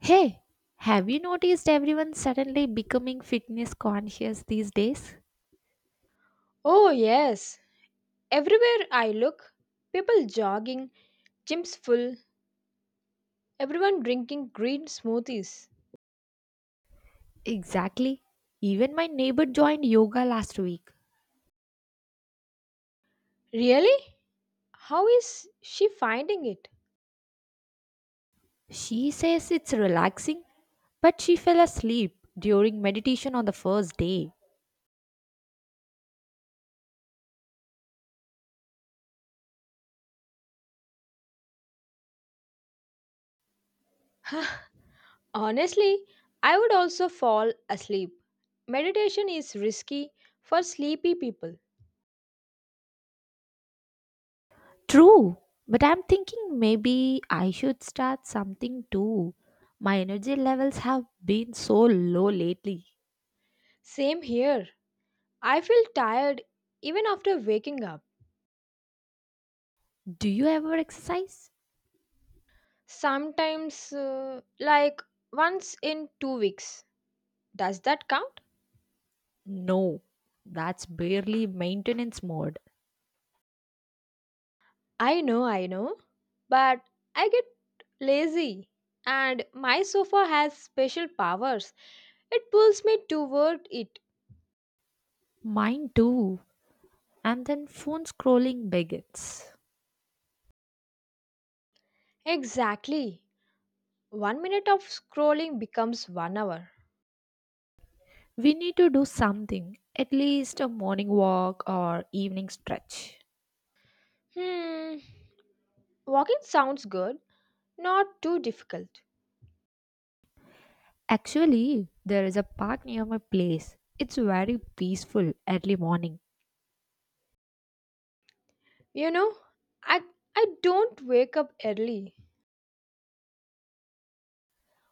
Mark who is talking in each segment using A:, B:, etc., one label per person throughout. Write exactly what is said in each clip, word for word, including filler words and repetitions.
A: Hey, have you noticed everyone suddenly becoming fitness conscious these days?
B: Oh, yes. Everywhere I look, people jogging, gyms full, everyone drinking green smoothies.
A: Exactly. Even my neighbor joined yoga last week.
B: Really? How is she finding it?
A: She says it's relaxing, but she fell asleep during meditation on the first day.
B: Honestly, I would also fall asleep. Meditation is risky for sleepy people.
A: True, but I'm thinking maybe I should start something too. My energy levels have been so low lately.
B: Same here. I feel tired even after waking up.
A: Do you ever exercise?
B: Sometimes, uh, like once in two weeks. Does that count?
A: No, that's barely maintenance mode.
B: I know, I know, but I get lazy and my sofa has special powers. It pulls me toward it.
A: Mine too. And then phone scrolling begins.
B: Exactly. One minute of scrolling becomes one hour.
A: We need to do something, at least a morning walk or evening stretch.
B: Hmm. Walking sounds good, not too difficult.
A: Actually, there is a park near my place. It's very peaceful early morning.
B: You know, I I don't wake up early.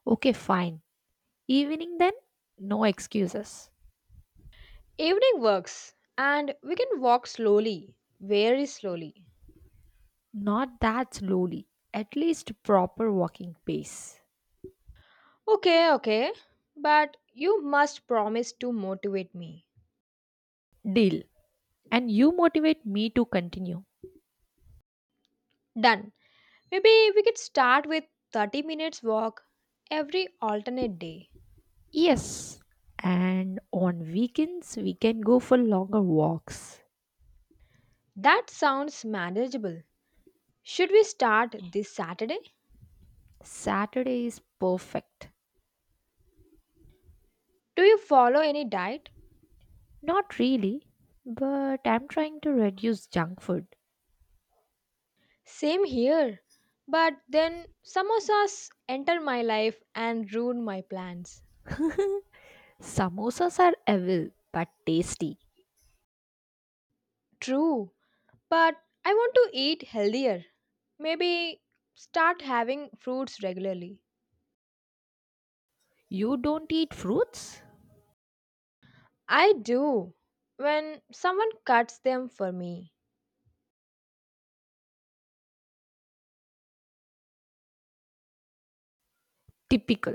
A: Okay, fine. Evening then? No excuses.
B: Evening works and we can walk slowly, very slowly.
A: Not that slowly, at least proper walking pace.
B: Okay, okay. But you must promise to motivate me.
A: Deal. And you motivate me to continue.
B: Done. Maybe we could start with thirty minutes walk every alternate day.
A: Yes. And on weekends, we can go for longer walks.
B: That sounds manageable. Should we start this Saturday?
A: Saturday is perfect.
B: Do you follow any diet?
A: Not really, but I'm trying to reduce junk food.
B: Same here. But then samosas enter my life and ruin my plans.
A: Samosas are evil but tasty.
B: True, but I want to eat healthier. Maybe start having fruits regularly.
A: You don't eat fruits?
B: I do when someone cuts them for me.
A: Typical.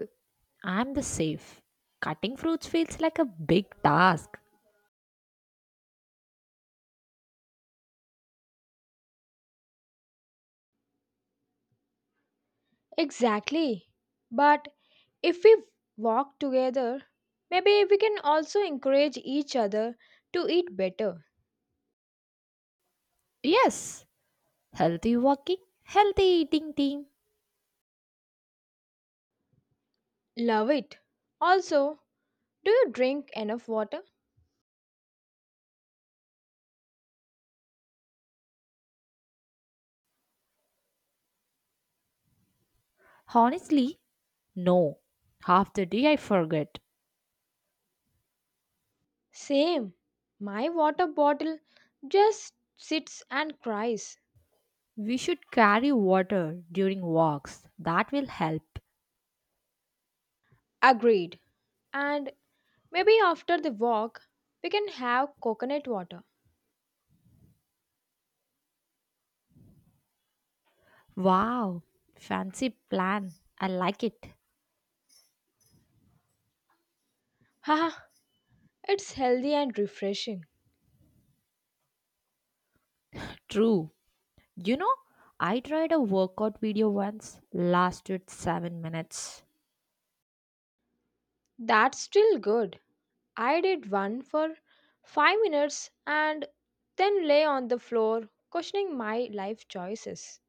A: I'm the safe. Cutting fruits feels like a big task.
B: Exactly. But if we walk together, maybe we can also encourage each other to eat better.
A: Yes, healthy walking, healthy eating team.
B: Love it. Also, do you drink enough water?
A: Honestly, no. Half the day I forget.
B: Same. My water bottle just sits and cries.
A: We should carry water during walks. That will help.
B: Agreed. And maybe after the walk, we can have coconut water.
A: Wow, fancy plan. I like it.
B: Haha, it's healthy and refreshing.
A: True. You know, I tried a workout video once, lasted seven minutes.
B: That's still good. I did one for five minutes and then lay on the floor questioning my life choices.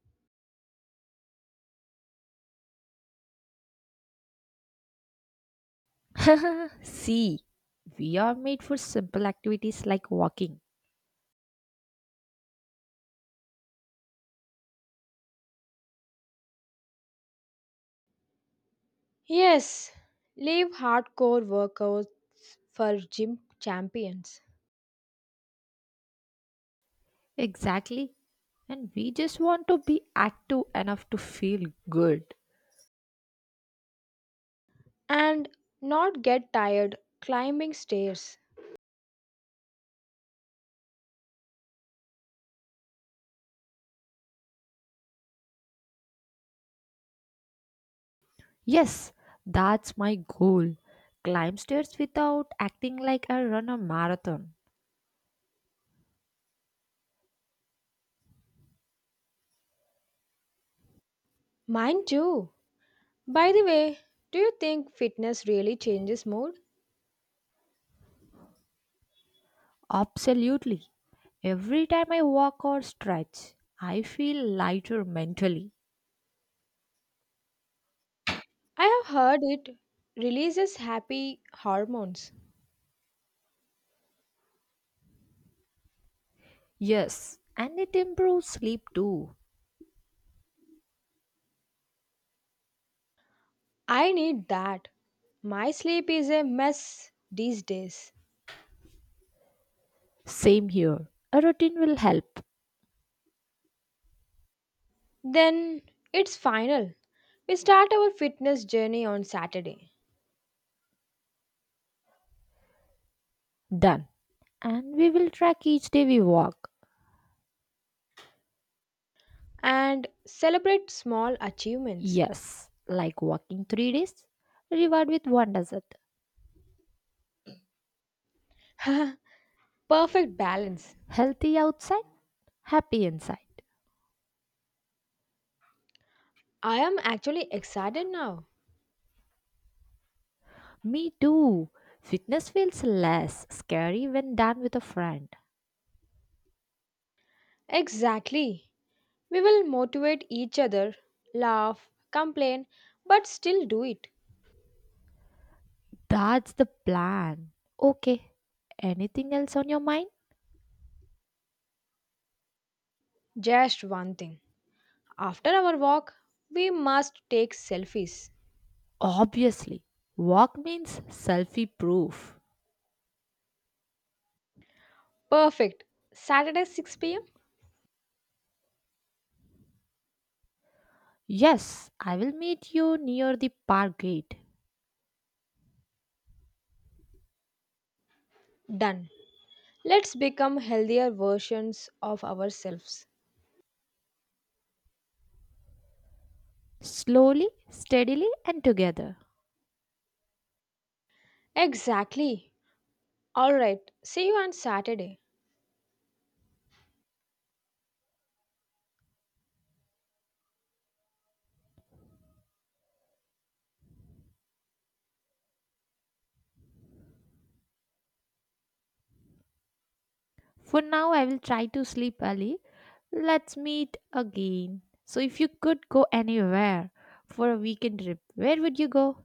A: See, we are made for simple activities like walking.
B: Yes, leave hardcore workouts for gym champions
A: Exactly. And we just want to be active enough to feel good.
B: and not get tired climbing stairs.
A: Yes, that's my goal. Climb stairs without acting like I run a marathon.
B: Mine too. By the way, do you think fitness really changes mood?
A: Absolutely. Every time I walk or stretch, I feel lighter mentally.
B: I have heard it releases happy hormones.
A: Yes, and it improves sleep too.
B: I need that. My sleep is a mess these days.
A: Same here. A routine will help.
B: Then it's final. We start our fitness journey on Saturday
A: Done. And we will track each day we walk.
B: and celebrate small achievements.
A: Yes, like walking three days, reward with one dessert.
B: Perfect balance.
A: Healthy outside, happy inside.
B: I am actually excited now.
A: Me too. Fitness feels less scary when done with a friend.
B: Exactly. We will motivate each other, laugh, complain, but still do it.
A: That's the plan. Okay. Anything else on your mind?
B: Just one thing. After our walk, we must take selfies.
A: Obviously. Walk means selfie proof.
B: Perfect. Saturday six p m?
A: Yes, I will meet you near the park gate.
B: Done. Let's become healthier versions of ourselves.
A: Slowly, steadily, and together.
B: Exactly. All right. See you on Saturday.
A: For now, I will try to sleep early. Let's meet again. So, if you could go anywhere for a weekend trip, where would you go?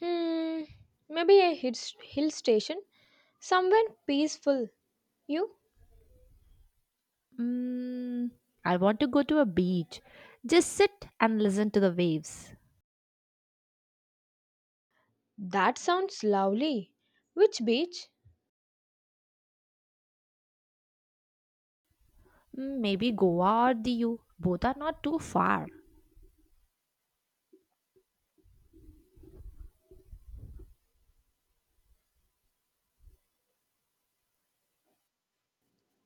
B: Hmm. Maybe a hill hill station somewhere peaceful. You?
A: Mm, I want to go to a beach. Just sit and listen to the waves.
B: That sounds lovely. Which beach?
A: Mm, maybe Goa or Diu. Both are not too far.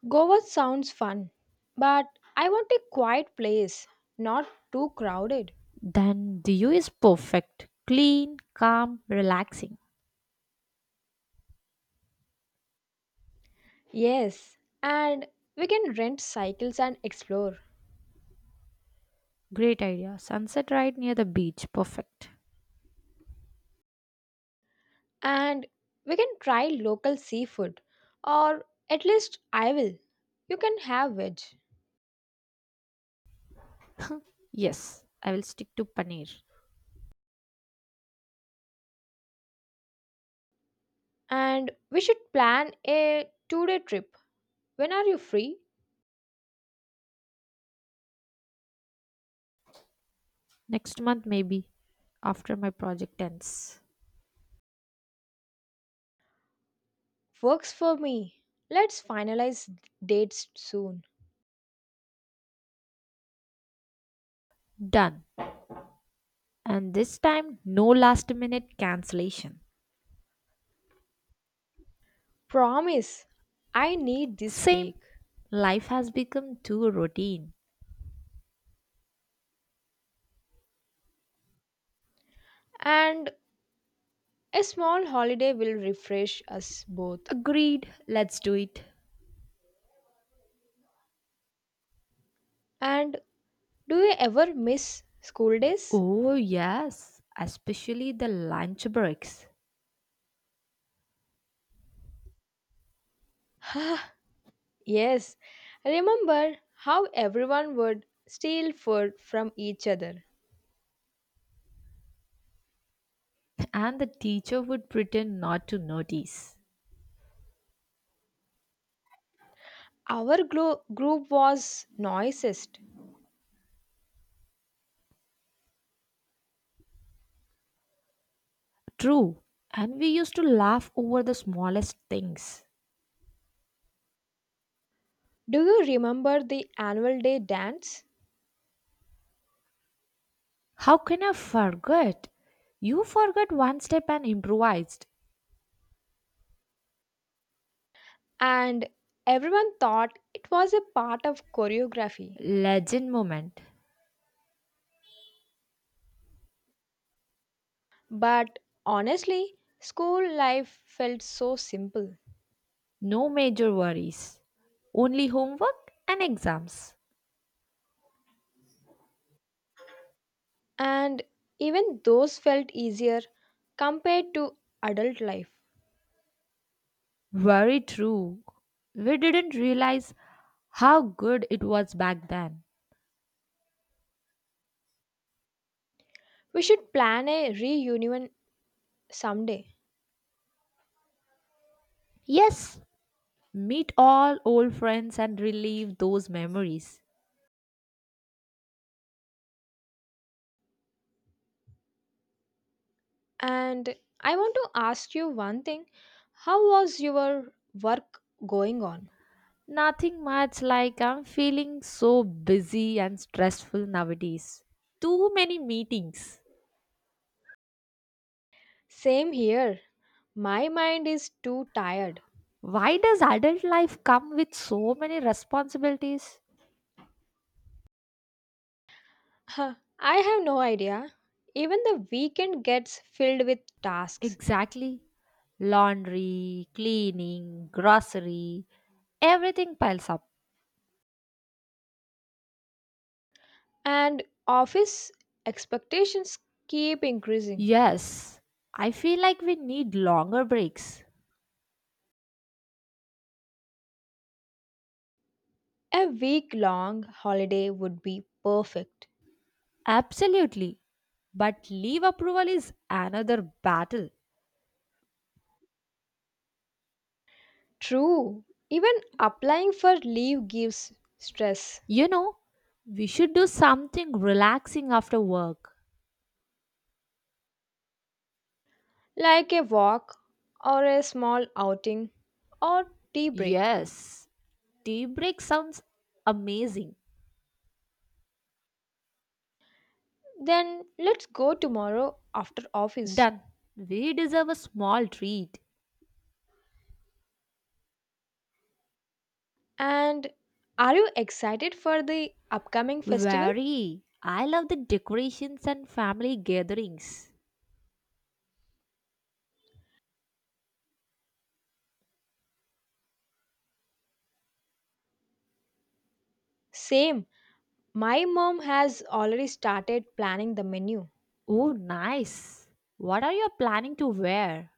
B: Goa sounds fun. But I want a quiet place, not too crowded.
A: Then Diu is perfect. Clean, calm, relaxing.
B: Yes, and we can rent cycles and explore.
A: Great idea. Sunset right near the beach. Perfect.
B: And we can try local seafood. Or at least I will. You can have veg.
A: Yes, I will stick to paneer.
B: And we should plan a two day trip. When are you free?
A: Next month, maybe, after my project ends.
B: Works for me. Let's finalize dates soon.
A: Done. And this time, no last minute cancellation.
B: Promise, I need this
A: Same.
B: break.
A: Life has become too routine.
B: And a small holiday will refresh us both.
A: Agreed. Let's do it.
B: And do you ever miss school days?
A: Oh, yes. Especially the lunch breaks.
B: yes. Remember how everyone would steal food from each other.
A: And the teacher would pretend not to notice.
B: Our glo- group was noisiest.
A: True, and we used to laugh over the smallest things.
B: Do you remember the annual day dance?
A: How can I forget? You forgot one step and improvised.
B: And everyone thought it was a part of choreography.
A: Legend moment.
B: But honestly, school life felt so simple,
A: No major worries. Only homework and exams.
B: and even those felt easier compared to adult life.
A: Very true. We didn't realize how good it was back then.
B: We should plan a reunion someday.
A: Yes, meet all old friends and relive those memories.
B: And I want to ask you one thing, how was your work going on?
A: Nothing much, like I'm feeling so busy and stressful nowadays. Too many meetings.
B: Same here. My mind is too tired.
A: Why does adult life come with so many responsibilities?
B: Huh, I have no idea. Even the weekend gets filled with tasks,
A: Exactly. Laundry, cleaning, grocery, everything piles up.
B: and office expectations keep increasing.
A: Yes, I feel like we need longer breaks.
B: A week long holiday would be perfect.
A: Absolutely. But leave approval is another battle.
B: True, even applying for leave gives stress,
A: You know, we should do something relaxing after work.
B: like a walk or a small outing or tea break.
A: Yes, tea break sounds amazing.
B: Then let's go tomorrow after office.
A: Done. We deserve a small treat.
B: And are you excited for the upcoming festival?
A: Very. I love the decorations and family gatherings.
B: Same. My mom has already started planning the menu.
A: Oh, nice. What are you planning to wear?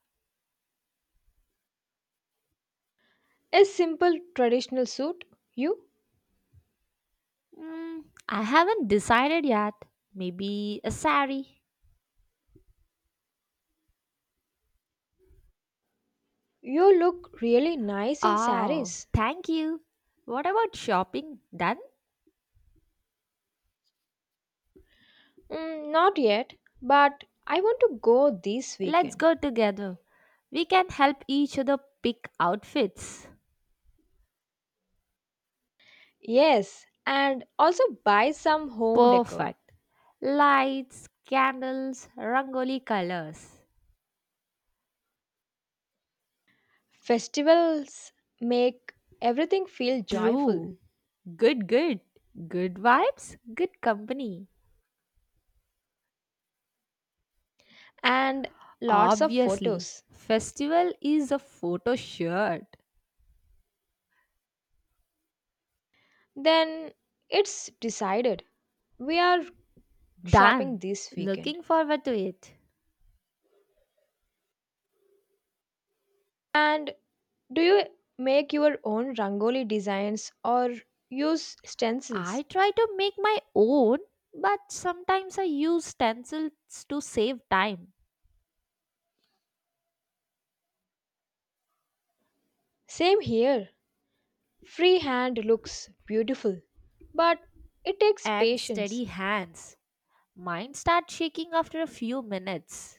B: A simple traditional suit. You
A: Mm, I haven't decided yet. Maybe a sari.
B: you look really nice in
A: Oh,
B: saris.
A: thank you. What about shopping? Done?
B: Mm, not yet, but I want to go this
A: Let's
B: weekend.
A: go together. We can help each other pick outfits.
B: Yes, and also buy some home decor.
A: Perfect. Lights, candles, rangoli colors.
B: Festivals make everything feel joyful
A: True. Good, good. Good vibes, good company.
B: and lots of
A: Obviously,
B: photos.
A: festival is a photo shirt.
B: Then it's decided. We are shopping
A: Done.
B: this weekend.
A: Looking forward to it.
B: And do you make your own rangoli designs or use stencils?
A: I try to make my own, but sometimes I use stencils to save time
B: Same here. Freehand looks beautiful, but it takes
A: and
B: patience.
A: steady hands. Mine start shaking after a few minutes.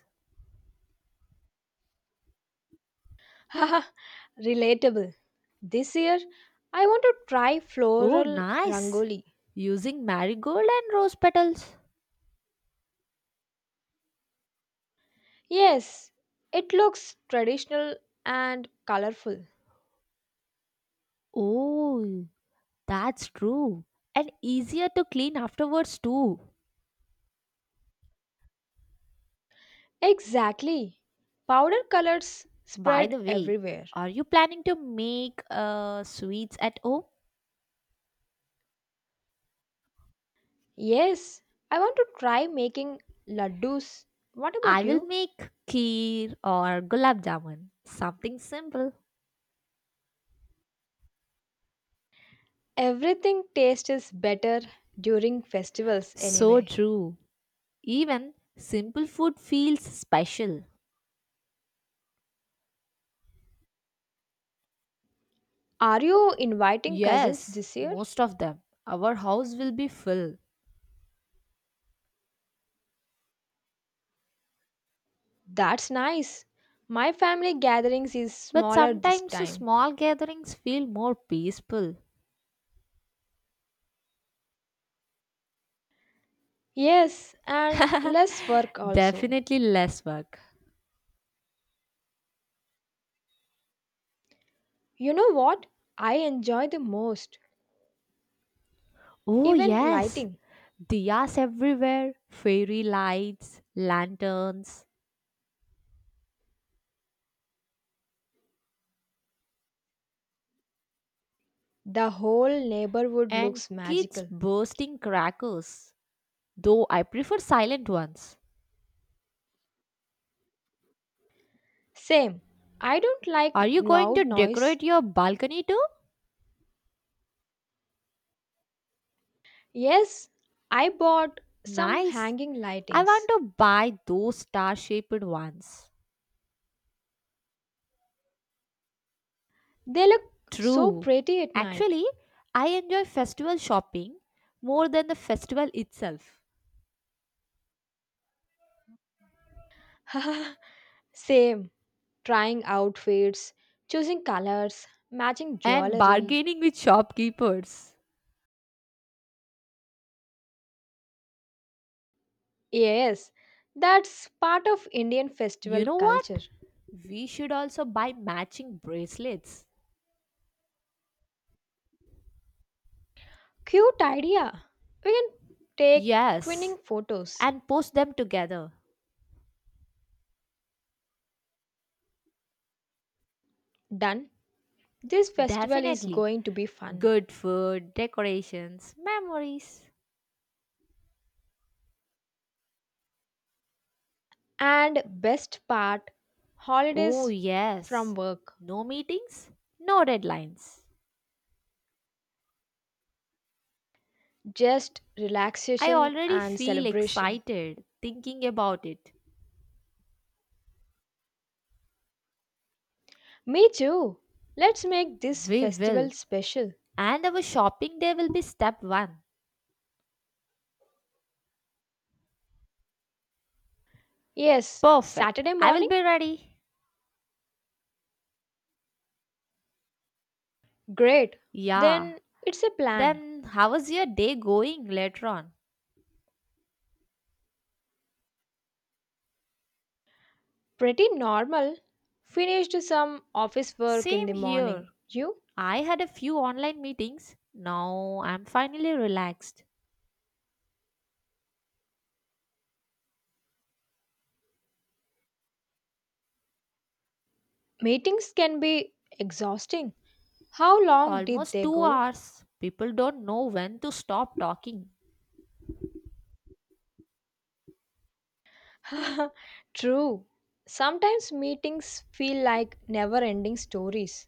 B: Haha, relatable. This year, I want to try
A: Oh,
B: floral
A: nice!
B: rangoli.
A: Using marigold and rose petals.
B: Yes, it looks traditional and colorful.
A: Oh, that's true. And easier to clean afterwards, too.
B: Exactly. Powder colors
A: By
B: spread
A: the way,
B: everywhere.
A: are you planning to make uh, sweets at home?
B: Yes, I want to try making laddus. What
A: I
B: about
A: will
B: you?
A: make kheer or gulab jamun. Something simple.
B: Everything tastes better during festivals
A: So
B: anyway.
A: true. Even simple food feels special.
B: Are you inviting cousins
A: Yes,
B: this year?
A: most of them. Our house will be full.
B: That's nice. My family gatherings is
A: But
B: smaller this
A: sometimes
B: time.
A: small gatherings feel more peaceful.
B: Yes, and less work also.
A: Definitely less work.
B: You know what? I enjoy the most.
A: Oh,
B: Even
A: yes.
B: lighting.
A: Diyas everywhere, fairy lights, lanterns,
B: The whole neighborhood
A: and
B: looks
A: kids
B: magical.
A: bursting crackers. Though I prefer silent ones.
B: Same. I don't
A: Are
B: like
A: you going
B: loud
A: to
B: noise.
A: decorate your balcony too?
B: Yes, I bought some
A: Nice.
B: hanging
A: I want
B: lightings.
A: to buy those star shaped ones.
B: They look so
A: True.
B: pretty at night.
A: Actually, I enjoy festival shopping more than the festival itself.
B: Same. Trying outfits, choosing colors, matching
A: And
B: jewelry.
A: bargaining with shopkeepers.
B: Yes, that's part of Indian
A: You
B: festival
A: know what?
B: culture.
A: We should also buy matching bracelets.
B: Cute idea. We can take
A: Yes,
B: twinning photos.
A: and post them together.
B: Done. This festival is
A: Definitely.
B: going to be fun.
A: Good food, decorations, memories.
B: And best part,
A: Oh,
B: holidays from
A: yes.
B: work.
A: No meetings, no deadlines.
B: Just
A: I
B: relaxation
A: already
B: and
A: feel
B: celebration.
A: excited thinking about it.
B: Me too. Let's make this
A: We
B: festival
A: will.
B: special.
A: And our shopping day will be step one.
B: Yes,
A: Perfect.
B: Saturday
A: I will
B: morning?
A: be ready.
B: Great.
A: Yeah.
B: Then it's a plan.
A: Then, how was your day going later on?
B: Pretty normal. Finished some office work in the
A: Same
B: morning.
A: here.
B: You?
A: I had a few online meetings. Now I'm finally relaxed.
B: Meetings can be exhausting. How long did
A: Almost
B: they
A: two
B: go?
A: hours. People don't know when to stop talking.
B: True. Sometimes meetings feel like never ending stories.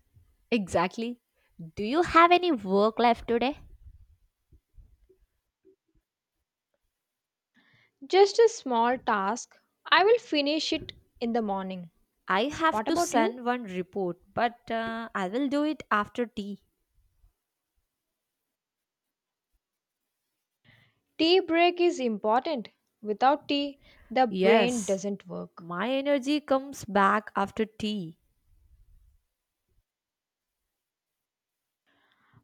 A: Exactly. Do you have any work left today?
B: Just a small task. I will finish it in the morning.
A: I have
B: What
A: to
B: about you?
A: send one report, but uh, I will do it after tea.
B: Tea break is important. Without tea, the brain
A: Yes,
B: doesn't work.
A: my energy comes back after tea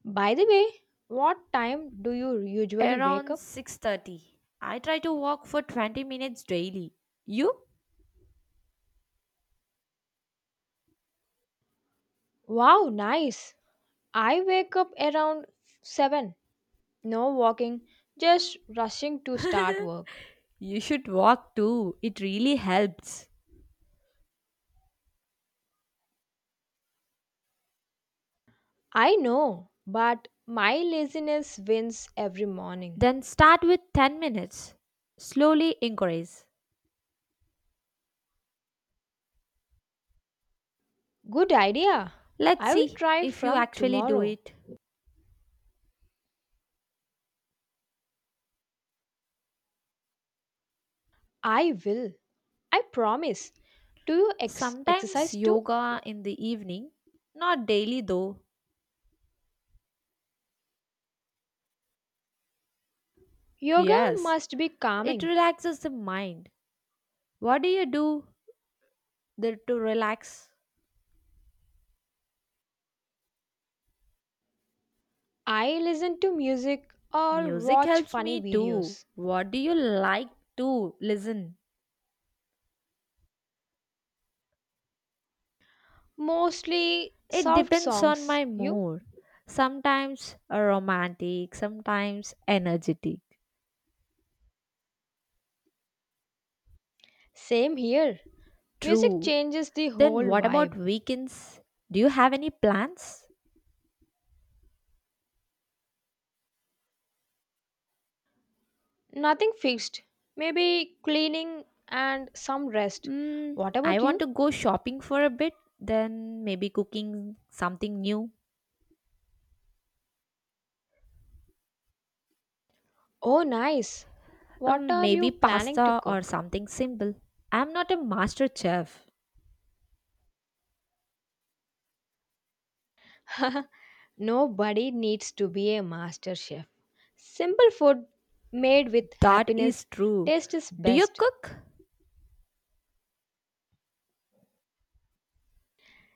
B: By the way, what time do you usually wake
A: around
B: up?
A: six thirty. I try to walk for twenty minutes daily. You?
B: Wow, nice. I wake up around seven. No walking, just rushing to start work.
A: You should walk too, it really helps.
B: I know, but my laziness wins every morning.
A: Then start with ten minutes. Slowly increase.
B: Good idea.
A: Let's
B: I will
A: see
B: try
A: if you
B: from
A: actually do
B: tomorrow.
A: it.
B: I will. I promise. Do you ex-
A: Sometimes
B: exercise too?
A: yoga in the evening, not daily though.
B: Yoga
A: Yes,
B: must be
A: it
B: calming.
A: relaxes the mind. What do you do there to relax?
B: I listen to music or
A: Music
B: watch
A: helps
B: funny
A: me too.
B: videos.
A: What do you like to listen?
B: Mostly
A: It
B: soft
A: depends on
B: songs.
A: my
B: You?
A: mood. Sometimes romantic, sometimes energetic.
B: Same here. Music
A: True.
B: changes the whole
A: Then what about
B: vibe.
A: weekends? Do you have any plans?
B: Nothing fixed. Maybe cleaning and some rest.
A: Mm,
B: What
A: I
B: about
A: want to
B: you?
A: go shopping for a bit, then maybe cooking something new.
B: Oh, nice. What
A: Um,
B: are
A: maybe
B: you planning to
A: pasta or
B: cook?
A: something simple. I'm not a master chef.
B: Nobody needs to be a master chef. Simple food made with
A: That
B: happiness
A: is true.
B: taste is
A: Do you
B: best.
A: cook?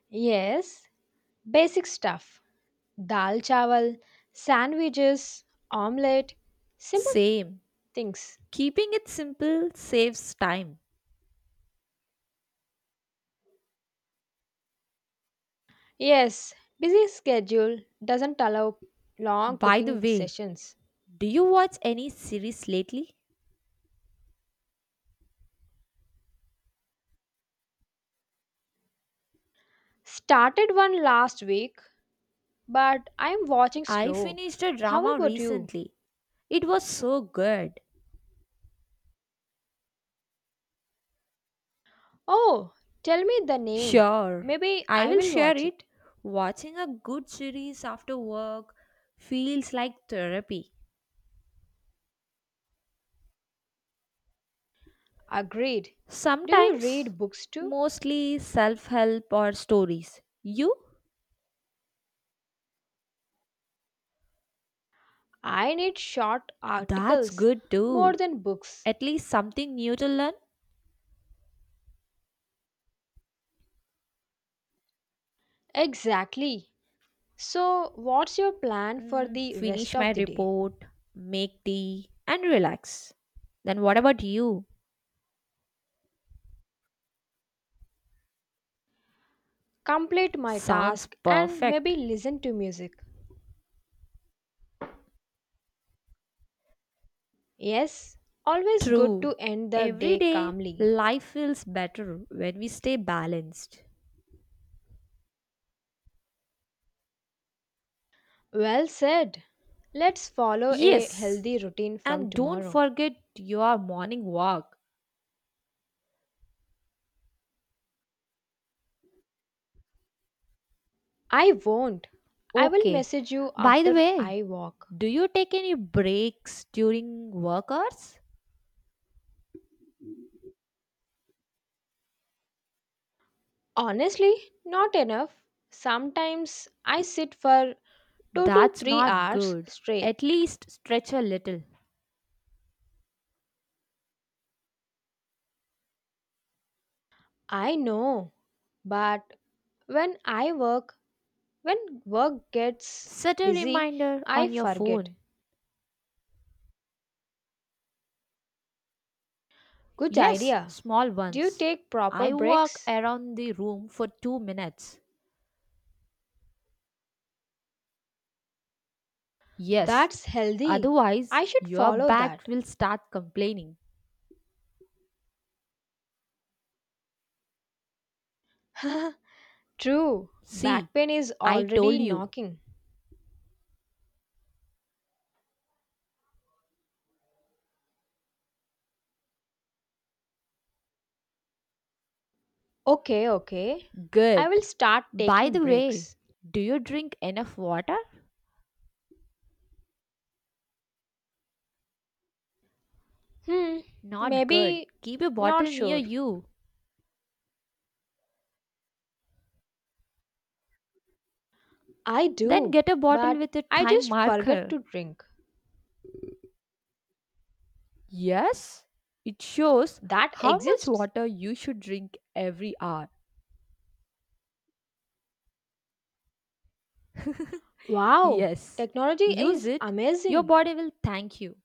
B: Yes, basic stuff. Dal chawal, sandwiches, omelette, simple
A: Same.
B: things.
A: Keeping it simple saves time.
B: Yes, busy schedule doesn't allow long
A: By the
B: cooking
A: way,
B: sessions.
A: do you watch any series lately?
B: Started one last week, but I'm watching
A: I
B: slow.
A: finished a
B: How
A: drama
B: about you?
A: recently. It was so good.
B: Oh, tell me the name.
A: Sure,
B: Maybe
A: I
B: I
A: will
B: will
A: share
B: watch
A: it.
B: it.
A: Watching a good series after work feels like therapy.
B: Agreed. Do you
A: Sometimes,
B: read books too?
A: mostly self help or stories. You?
B: I need short
A: That's
B: articles
A: good
B: more
A: too.
B: than books.
A: At least something new to learn.
B: Exactly. So, what's your plan for
A: Mm,
B: the rest
A: finish my
B: of the day?
A: report, make tea, and relax. Then, what about you?
B: Complete my
A: Sounds
B: task and
A: perfect.
B: maybe listen to music. Yes, always good
A: True.
B: to end the
A: Every
B: day
A: day,
B: calmly.
A: life feels better when we stay balanced.
B: Well said. Let's follow a
A: Yes,
B: healthy routine from
A: and don't
B: tomorrow.
A: forget your morning walk.
B: I won't. I will
A: Okay.
B: message you
A: By the
B: after
A: way,
B: I walk.
A: do you take any breaks during work hours?
B: Honestly, not enough. Sometimes I sit for two to
A: That's
B: three
A: not
B: hours
A: good.
B: straight.
A: At least stretch a little.
B: I know, but when I work, when work gets
A: Set a
B: busy,
A: reminder
B: I
A: on your
B: forget.
A: phone.
B: Good
A: Yes,
B: idea.
A: small
B: Do you
A: ones.
B: take proper
A: I walk
B: breaks?
A: around the room for two minutes. Yes,
B: That's healthy.
A: otherwise
B: I should
A: your
B: follow
A: back
B: that.
A: will start complaining.
B: True.
A: See,
B: Back pain is
A: I
B: already
A: told you.
B: knocking. Okay, okay. I
A: Good.
B: will start
A: By
B: taking
A: the way,
B: breaks.
A: do you drink enough water?
B: Hmm,
A: Not good.
B: maybe
A: Keep a
B: not
A: bottle near
B: sure.
A: you.
B: I
A: Then
B: do,
A: get a bottle
B: but
A: with a
B: I
A: time
B: just forget
A: marker.
B: to drink.
A: Yes, it shows
B: That
A: how much
B: exists?
A: water you should drink every hour.
B: Wow,
A: Yes.
B: technology
A: Use
B: is
A: it. Your
B: amazing.
A: body will thank you.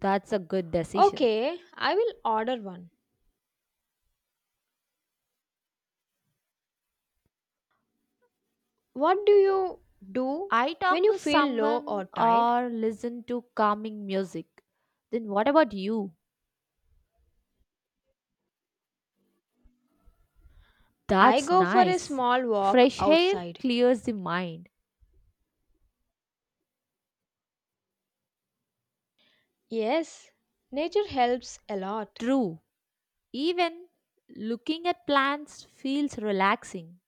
A: That's a good decision.
B: Okay, I will order one. What do you do
A: I
B: when
A: talk
B: you
A: to
B: feel low or
A: someone
B: tired?
A: or listen to calming music. Then what about you?
B: I
A: That's
B: go for a
A: nice.
B: small walk
A: Fresh air
B: outside.
A: clears the mind.
B: Yes, nature helps a lot.
A: True, even looking at plants feels relaxing.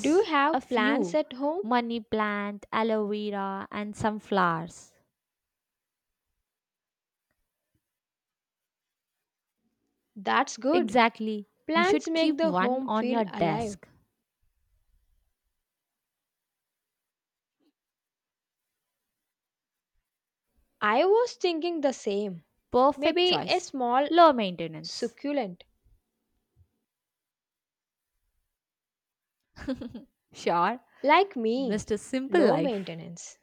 B: Do you
A: a
B: have plants
A: few
B: at home?
A: money plant, aloe vera, and some flowers.
B: That's good.
A: Exactly, you
B: Plants
A: should
B: make
A: keep
B: the
A: one
B: home
A: on
B: feel
A: your
B: alive.
A: desk.
B: I was thinking the same.
A: Perfect
B: Maybe a
A: choice.
B: small
A: Low maintenance.
B: succulent.
A: Sure,
B: Like me,
A: mister Simple
B: low
A: Life.
B: maintenance.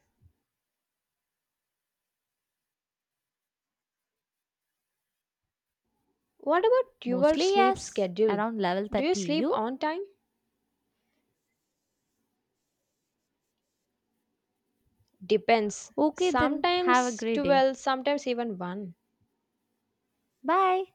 B: What about your
A: Mostly
B: sleep
A: yes,
B: schedule?
A: around level
B: Do you
A: thirty.
B: sleep
A: You?
B: on time? Depends.
A: Okay, then have a
B: Sometimes
A: great day.
B: twelve, sometimes even one.
A: Bye.